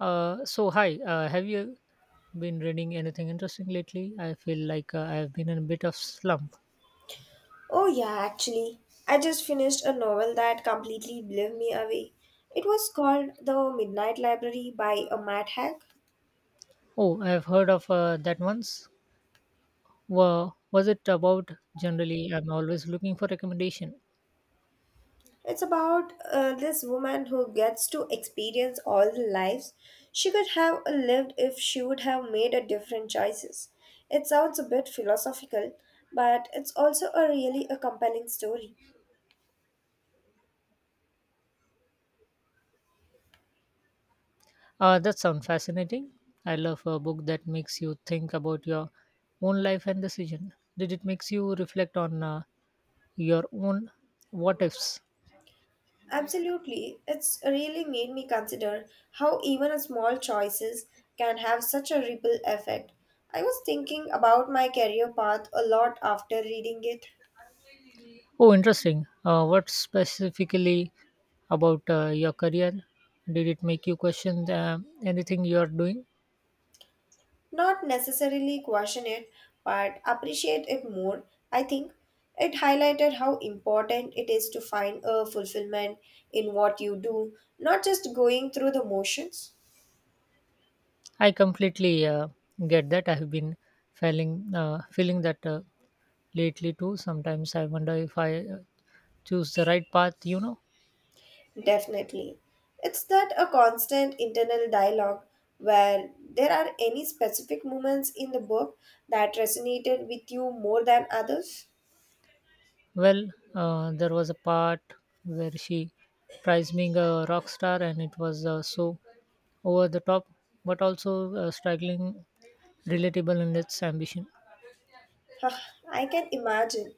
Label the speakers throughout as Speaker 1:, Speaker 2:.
Speaker 1: So hi, have you been reading anything interesting lately? I feel like I've been in a bit of slump.
Speaker 2: Oh, yeah, actually. I just finished a novel that completely blew me away. It was called The Midnight Library by a Matt Haig.
Speaker 1: Oh, I've heard of that once. Wa was it about? Generally, I'm always looking for recommendation.
Speaker 2: It's about this woman who gets to experience all the lives she could have lived if she would have made a different choices. It sounds a bit philosophical, but it's also a really a compelling story.
Speaker 1: That sounds fascinating. I love a book that makes you think about your own life and decision. Did it makes you reflect on your own what ifs?
Speaker 2: Absolutely. It's really made me consider how even a small choices can have such a ripple effect. I was thinking about my career path a lot after reading it.
Speaker 1: Oh, interesting. What specifically about your career did it make you question anything you are doing?
Speaker 2: Not necessarily question it, but appreciate it more. I think it highlighted how important it is to find a fulfillment in what you do, not just going through the motions.
Speaker 1: I completely get that. I have been feeling that lately too. Sometimes I wonder if I choose the right path. You know,
Speaker 2: Definitely. It's that a constant internal dialogue where there are any specific moments in the book that resonated with you more than others?
Speaker 1: well, there was a part where she tries being a rock star, and it was so over the top, but also struggling, relatable in its ambition.
Speaker 2: Huh, I can imagine.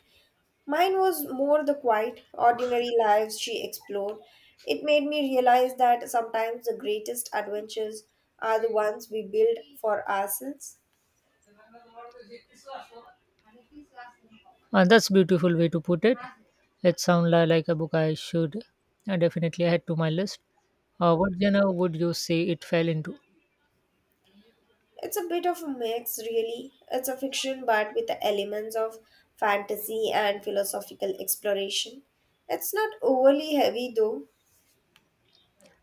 Speaker 2: Mine was more the quiet, ordinary lives she explored. It made me realize that sometimes the greatest adventures are the ones we build for ourselves.
Speaker 1: That's beautiful way to put it. It sounds like a book I should definitely add to my list. What genre would you say it fell into?
Speaker 2: It's a bit of a mix, really. It's a fiction, but with the elements of fantasy and philosophical exploration. It's not overly heavy, though.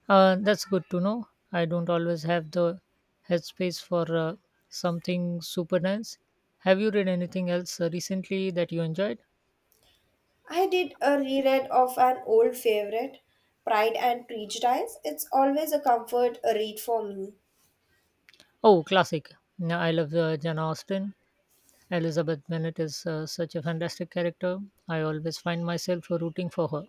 Speaker 1: That's good to know. I don't always have the headspace for something super dense. Have you read anything else recently that you enjoyed?
Speaker 2: I did a reread of an old favorite, Pride and Prejudice. It's always a comfort a read for me.
Speaker 1: Oh, classic. Yeah, I love Jane Austen. Elizabeth Bennet is such a fantastic character. I always find myself rooting for her.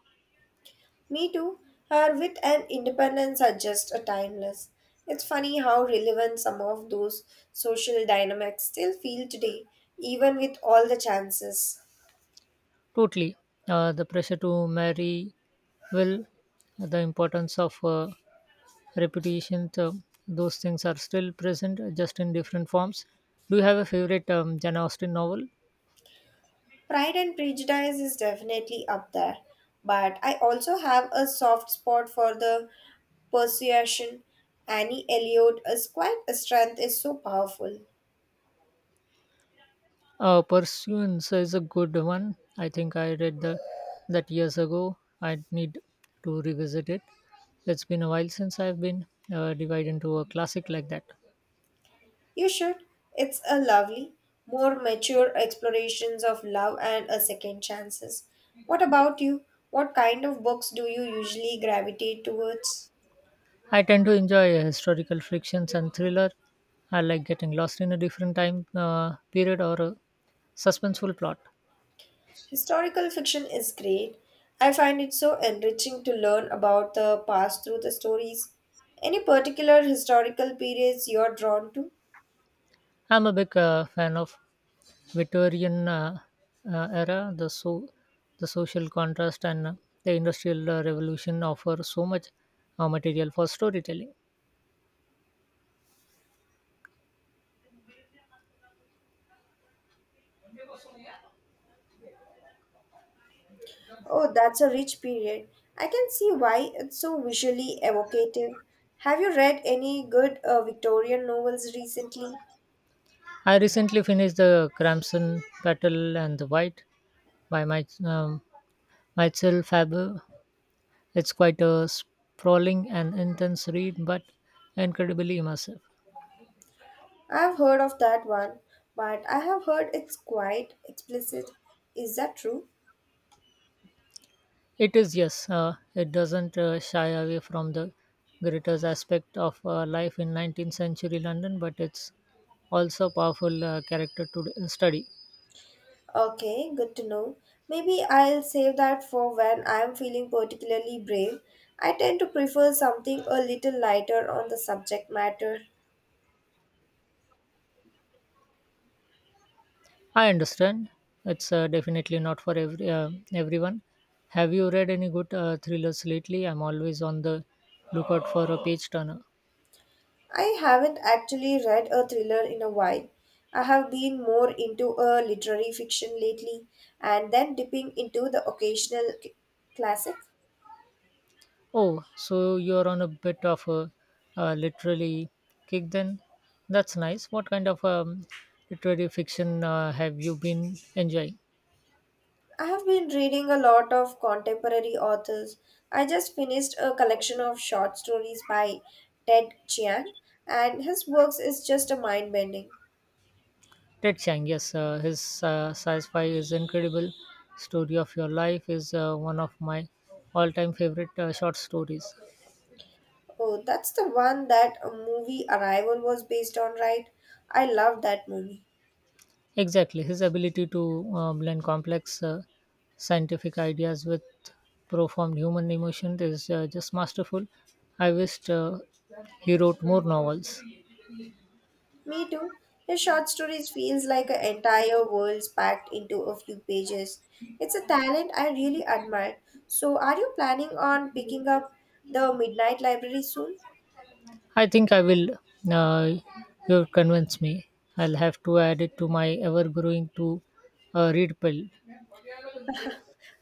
Speaker 2: Me too. Her wit and independence are just a timeless. It's funny how relevant some of those social dynamics still feel today, even with all the chances.
Speaker 1: Totally. The pressure to marry well, the importance of reputation, those things are still present, just in different forms. Do you have a favorite Jane Austen novel?
Speaker 2: Pride and Prejudice is definitely up there, but I also have a soft spot for the Persuasion. Annie Elliot is quite a strength is so powerful.
Speaker 1: Pursuance is a good one. I think I read that years ago. I need to revisit it. It's been a while since I've been divided into a classic like that.
Speaker 2: You should. It's a lovely, more mature explorations of love and a second chances. What about you? What kind of books do you usually gravitate towards?
Speaker 1: I tend to enjoy historical frictions and thriller. I like getting lost in a different time period or a suspenseful plot.
Speaker 2: Historical fiction is great. I find it so enriching to learn about the past through the stories. Any particular historical periods you're drawn to?
Speaker 1: I'm a big fan of Victorian era. The social contrast and the industrial revolution offer so much material for storytelling.
Speaker 2: Oh, that's a rich period. I can see why it's so visually evocative. Have you read any good Victorian novels recently?
Speaker 1: I recently finished the Crimson Petal and the White by my myself Faber. It's quite a sprawling and intense read, but incredibly immersive.
Speaker 2: I've heard of that one, but I have heard it's quite explicit. Is that true?
Speaker 1: It is, yes, it doesn't shy away from the greatest aspect of life in 19th century London, but it's also a powerful character to study.
Speaker 2: Okay, good to know. Maybe I'll save that for when I'm feeling particularly brave. I tend to prefer something a little lighter on the subject matter.
Speaker 1: I understand it's definitely not for everyone. Have you read any good thrillers lately? I'm always on the lookout for a page turner.
Speaker 2: I haven't actually read a thriller in a while. I have been more into a literary fiction lately and then dipping into the occasional classic.
Speaker 1: Oh, so you're on a bit of a literary kick then? That's nice. What kind of literary fiction have you been enjoying?
Speaker 2: I have been reading a lot of contemporary authors. I just finished a collection of short stories by Ted Chiang, and his works is just a mind bending.
Speaker 1: Ted Chiang, yes, his sci-fi is incredible. Story of Your Life is one of my all-time favorite short stories.
Speaker 2: Oh, that's the one that a movie Arrival was based on, right? I love that movie.
Speaker 1: Exactly, his ability to blend complex scientific ideas with profound human emotion is just masterful. I wished he wrote more novels.
Speaker 2: Me too. His short stories feels like an entire world's packed into a few pages. It's a talent I really admire. So, are you planning on picking up the Midnight Library soon?
Speaker 1: I think I will. Uh, you convince me. I'll have to add it to my ever-growing to-read pile.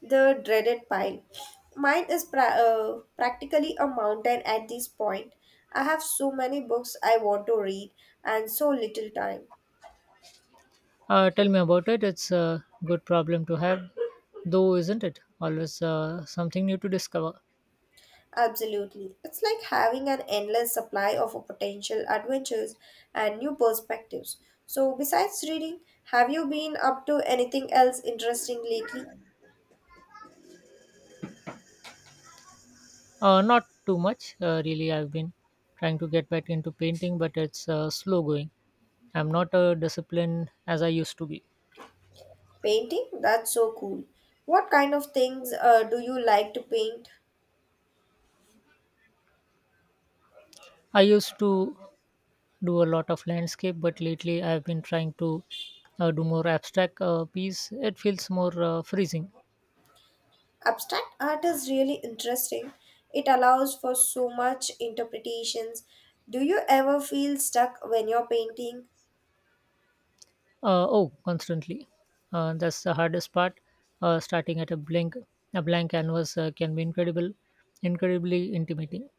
Speaker 2: The dreaded pile. Mine is practically a mountain at this point. I have so many books I want to read and so little time.
Speaker 1: Tell me about it. It's a good problem to have, though, isn't it? Always something new to discover.
Speaker 2: Absolutely. It's like having an endless supply of potential adventures and new perspectives. So, besides reading, have you been up to anything else interesting lately?
Speaker 1: Not too much, really. I've been trying to get back into painting, but it's slow going. I'm not a discipline as I used to be.
Speaker 2: Painting? That's so cool. What kind of things do you like to paint?
Speaker 1: I used to do a lot of landscape, but lately I've been trying to do more abstract piece. It feels more freezing.
Speaker 2: Abstract art is really interesting. It allows for so much interpretations. Do you ever feel stuck when you're painting?
Speaker 1: Oh, constantly. That's the hardest part. Starting at a blank canvas can be incredibly intimating.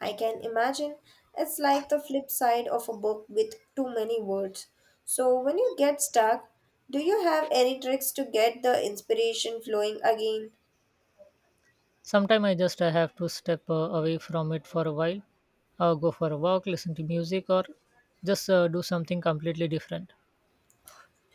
Speaker 2: I can imagine. It's like the flip side of a book with too many words. So when you get stuck, do you have any tricks to get the inspiration flowing again?
Speaker 1: Sometimes I just have to step away from it for a while, go for a walk, listen to music, or just do something completely different.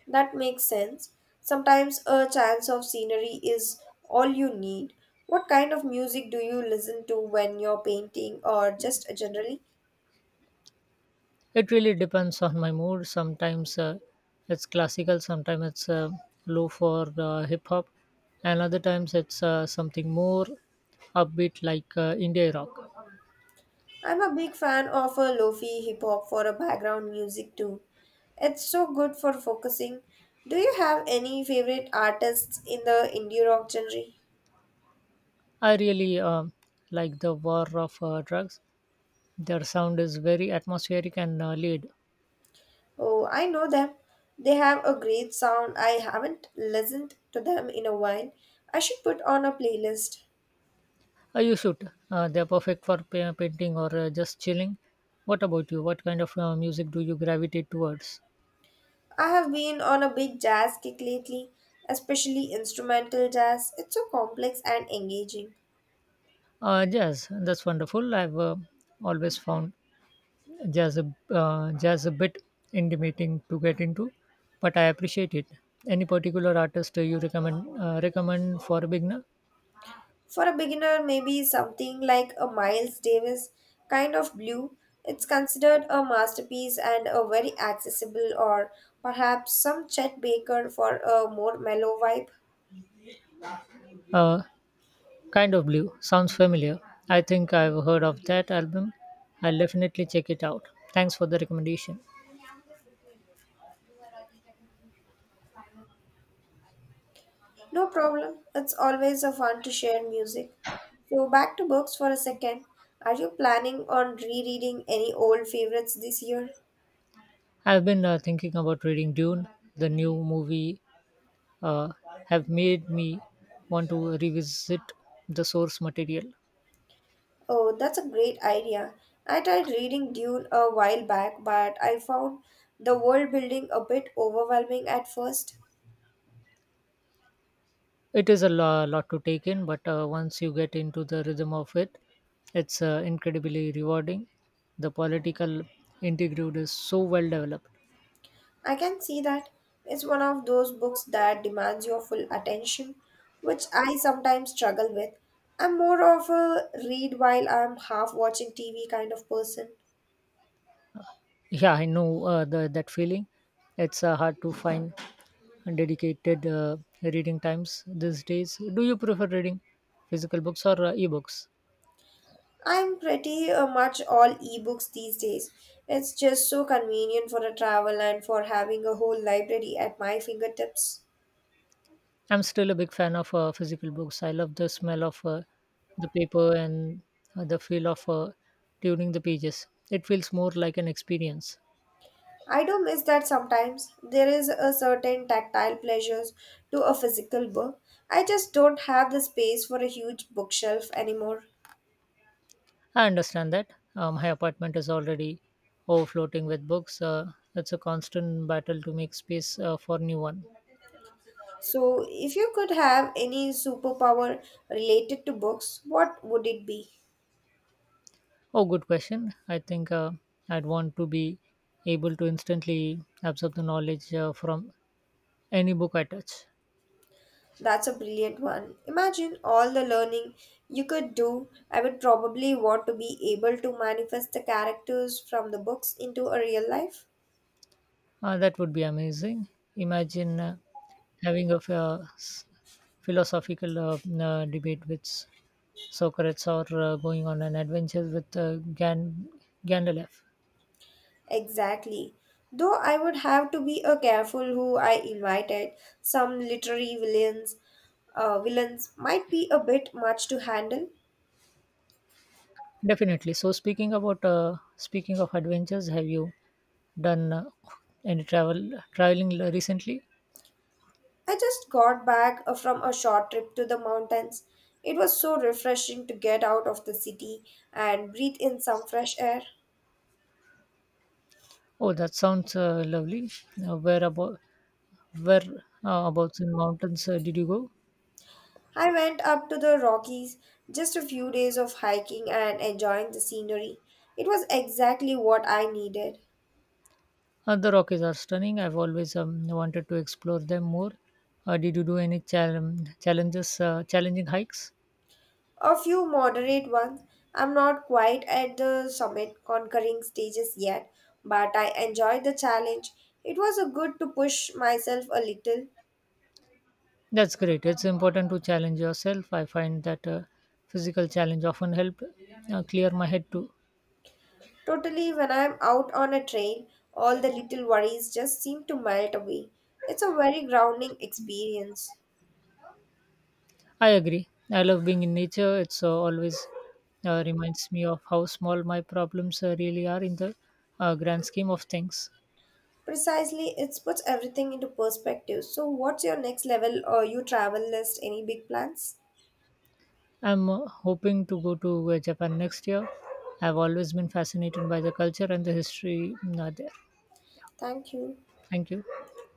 Speaker 2: That makes sense. Sometimes a chance of scenery is all you need. What kind of music do you listen to when you're painting or just generally?
Speaker 1: It really depends on my mood. Sometimes it's classical, sometimes it's low for hip hop, and other times it's something more upbeat like indie rock.
Speaker 2: I'm a big fan of a lofi hip hop for a background music too. It's so good for focusing. Do you have any favorite artists in the indie rock genre?
Speaker 1: I really like the War of Drugs. Their sound is very atmospheric and laid.
Speaker 2: Oh, I know them. They have a great sound. I haven't listened to them in a while. I should put on a playlist.
Speaker 1: You should. They're perfect for painting or just chilling. What about you? What kind of music do you gravitate towards?
Speaker 2: I have been on a big jazz kick lately, especially instrumental jazz. It's so complex and engaging.
Speaker 1: Jazz. That's wonderful. I've always found just a, just a bit intimidating to get into, but I appreciate it. Any particular artist you recommend recommend for a beginner?
Speaker 2: For a beginner, maybe something like a Miles Davis kind of blue. It's considered a masterpiece and a very accessible, or perhaps some Chet Baker for a more mellow vibe.
Speaker 1: Uh, kind of blue sounds familiar. I think I've heard of that album. I'll definitely check it out. Thanks for the recommendation.
Speaker 2: No problem, it's always a fun to share music. So, back to books for a second. Are you planning on rereading any old favorites this year?
Speaker 1: I've been thinking about reading Dune. The new movie uh, have made me want to revisit the source material.
Speaker 2: Oh, that's a great idea. I tried reading Dune a while back, but I found the world building a bit overwhelming at first.
Speaker 1: It is a lot to take in, but once you get into the rhythm of it, it's incredibly rewarding. The political integrity is so well developed.
Speaker 2: I can see that it's one of those books that demands your full attention, which I sometimes struggle with. I'm more of a read while I'm half watching TV kind of person.
Speaker 1: Yeah, I know that feeling. It's hard to find dedicated reading times these days. Do you prefer reading physical books or ebooks?
Speaker 2: I'm pretty much all ebooks these days. It's just so convenient for a travel and for having a whole library at my fingertips.
Speaker 1: I'm still a big fan of physical books. I love the smell of the paper and the feel of turning the pages. It feels more like an experience.
Speaker 2: I do miss that sometimes. There is a certain tactile pleasures to a physical book. I just don't have the space for a huge bookshelf anymore.
Speaker 1: I understand that. My apartment is already overflowing with books. It's a constant battle to make space for new one.
Speaker 2: So, if you could have any superpower related to books, what would it be?
Speaker 1: Oh, good question. I think I'd want to be able to instantly absorb the knowledge from any book I touch.
Speaker 2: That's a brilliant one. Imagine all the learning you could do. I would probably want to be able to manifest the characters from the books into a real life.
Speaker 1: That would be amazing. Imagine having a philosophical debate with Socrates or going on an adventure with Gandalf.
Speaker 2: Exactly. Though I would have to be a careful who I invited. Some literary villains, villains might be a bit much to handle.
Speaker 1: Definitely. So, speaking of adventures, have you done any traveling recently?
Speaker 2: I just got back from a short trip to the mountains. It was so refreshing to get out of the city and breathe in some fresh air.
Speaker 1: Oh, that sounds lovely. Uh, where about where about in mountains did you go?
Speaker 2: I went up to the Rockies, just a few days of hiking and enjoying the scenery. It was exactly what I needed.
Speaker 1: The Rockies are stunning. I've always wanted to explore them more. Did you do any challenging hikes?
Speaker 2: A few moderate ones. I'm not quite at the summit conquering stages yet, but I enjoyed the challenge. It was a good to push myself a little.
Speaker 1: That's great. It's important to challenge yourself. I find that physical challenge often help clear my head too.
Speaker 2: Totally, when I'm out on a trail, all the little worries just seem to melt away. It's a very grounding experience.
Speaker 1: I agree. I love being in nature. It's always reminds me of how small my problems really are in the grand scheme of things.
Speaker 2: Precisely, it puts everything into perspective. So, what's your next level or you travel list? Any big plans?
Speaker 1: I'm hoping to go to Japan next year. I've always been fascinated by the culture and the history there.
Speaker 2: Thank you.
Speaker 1: Thank you.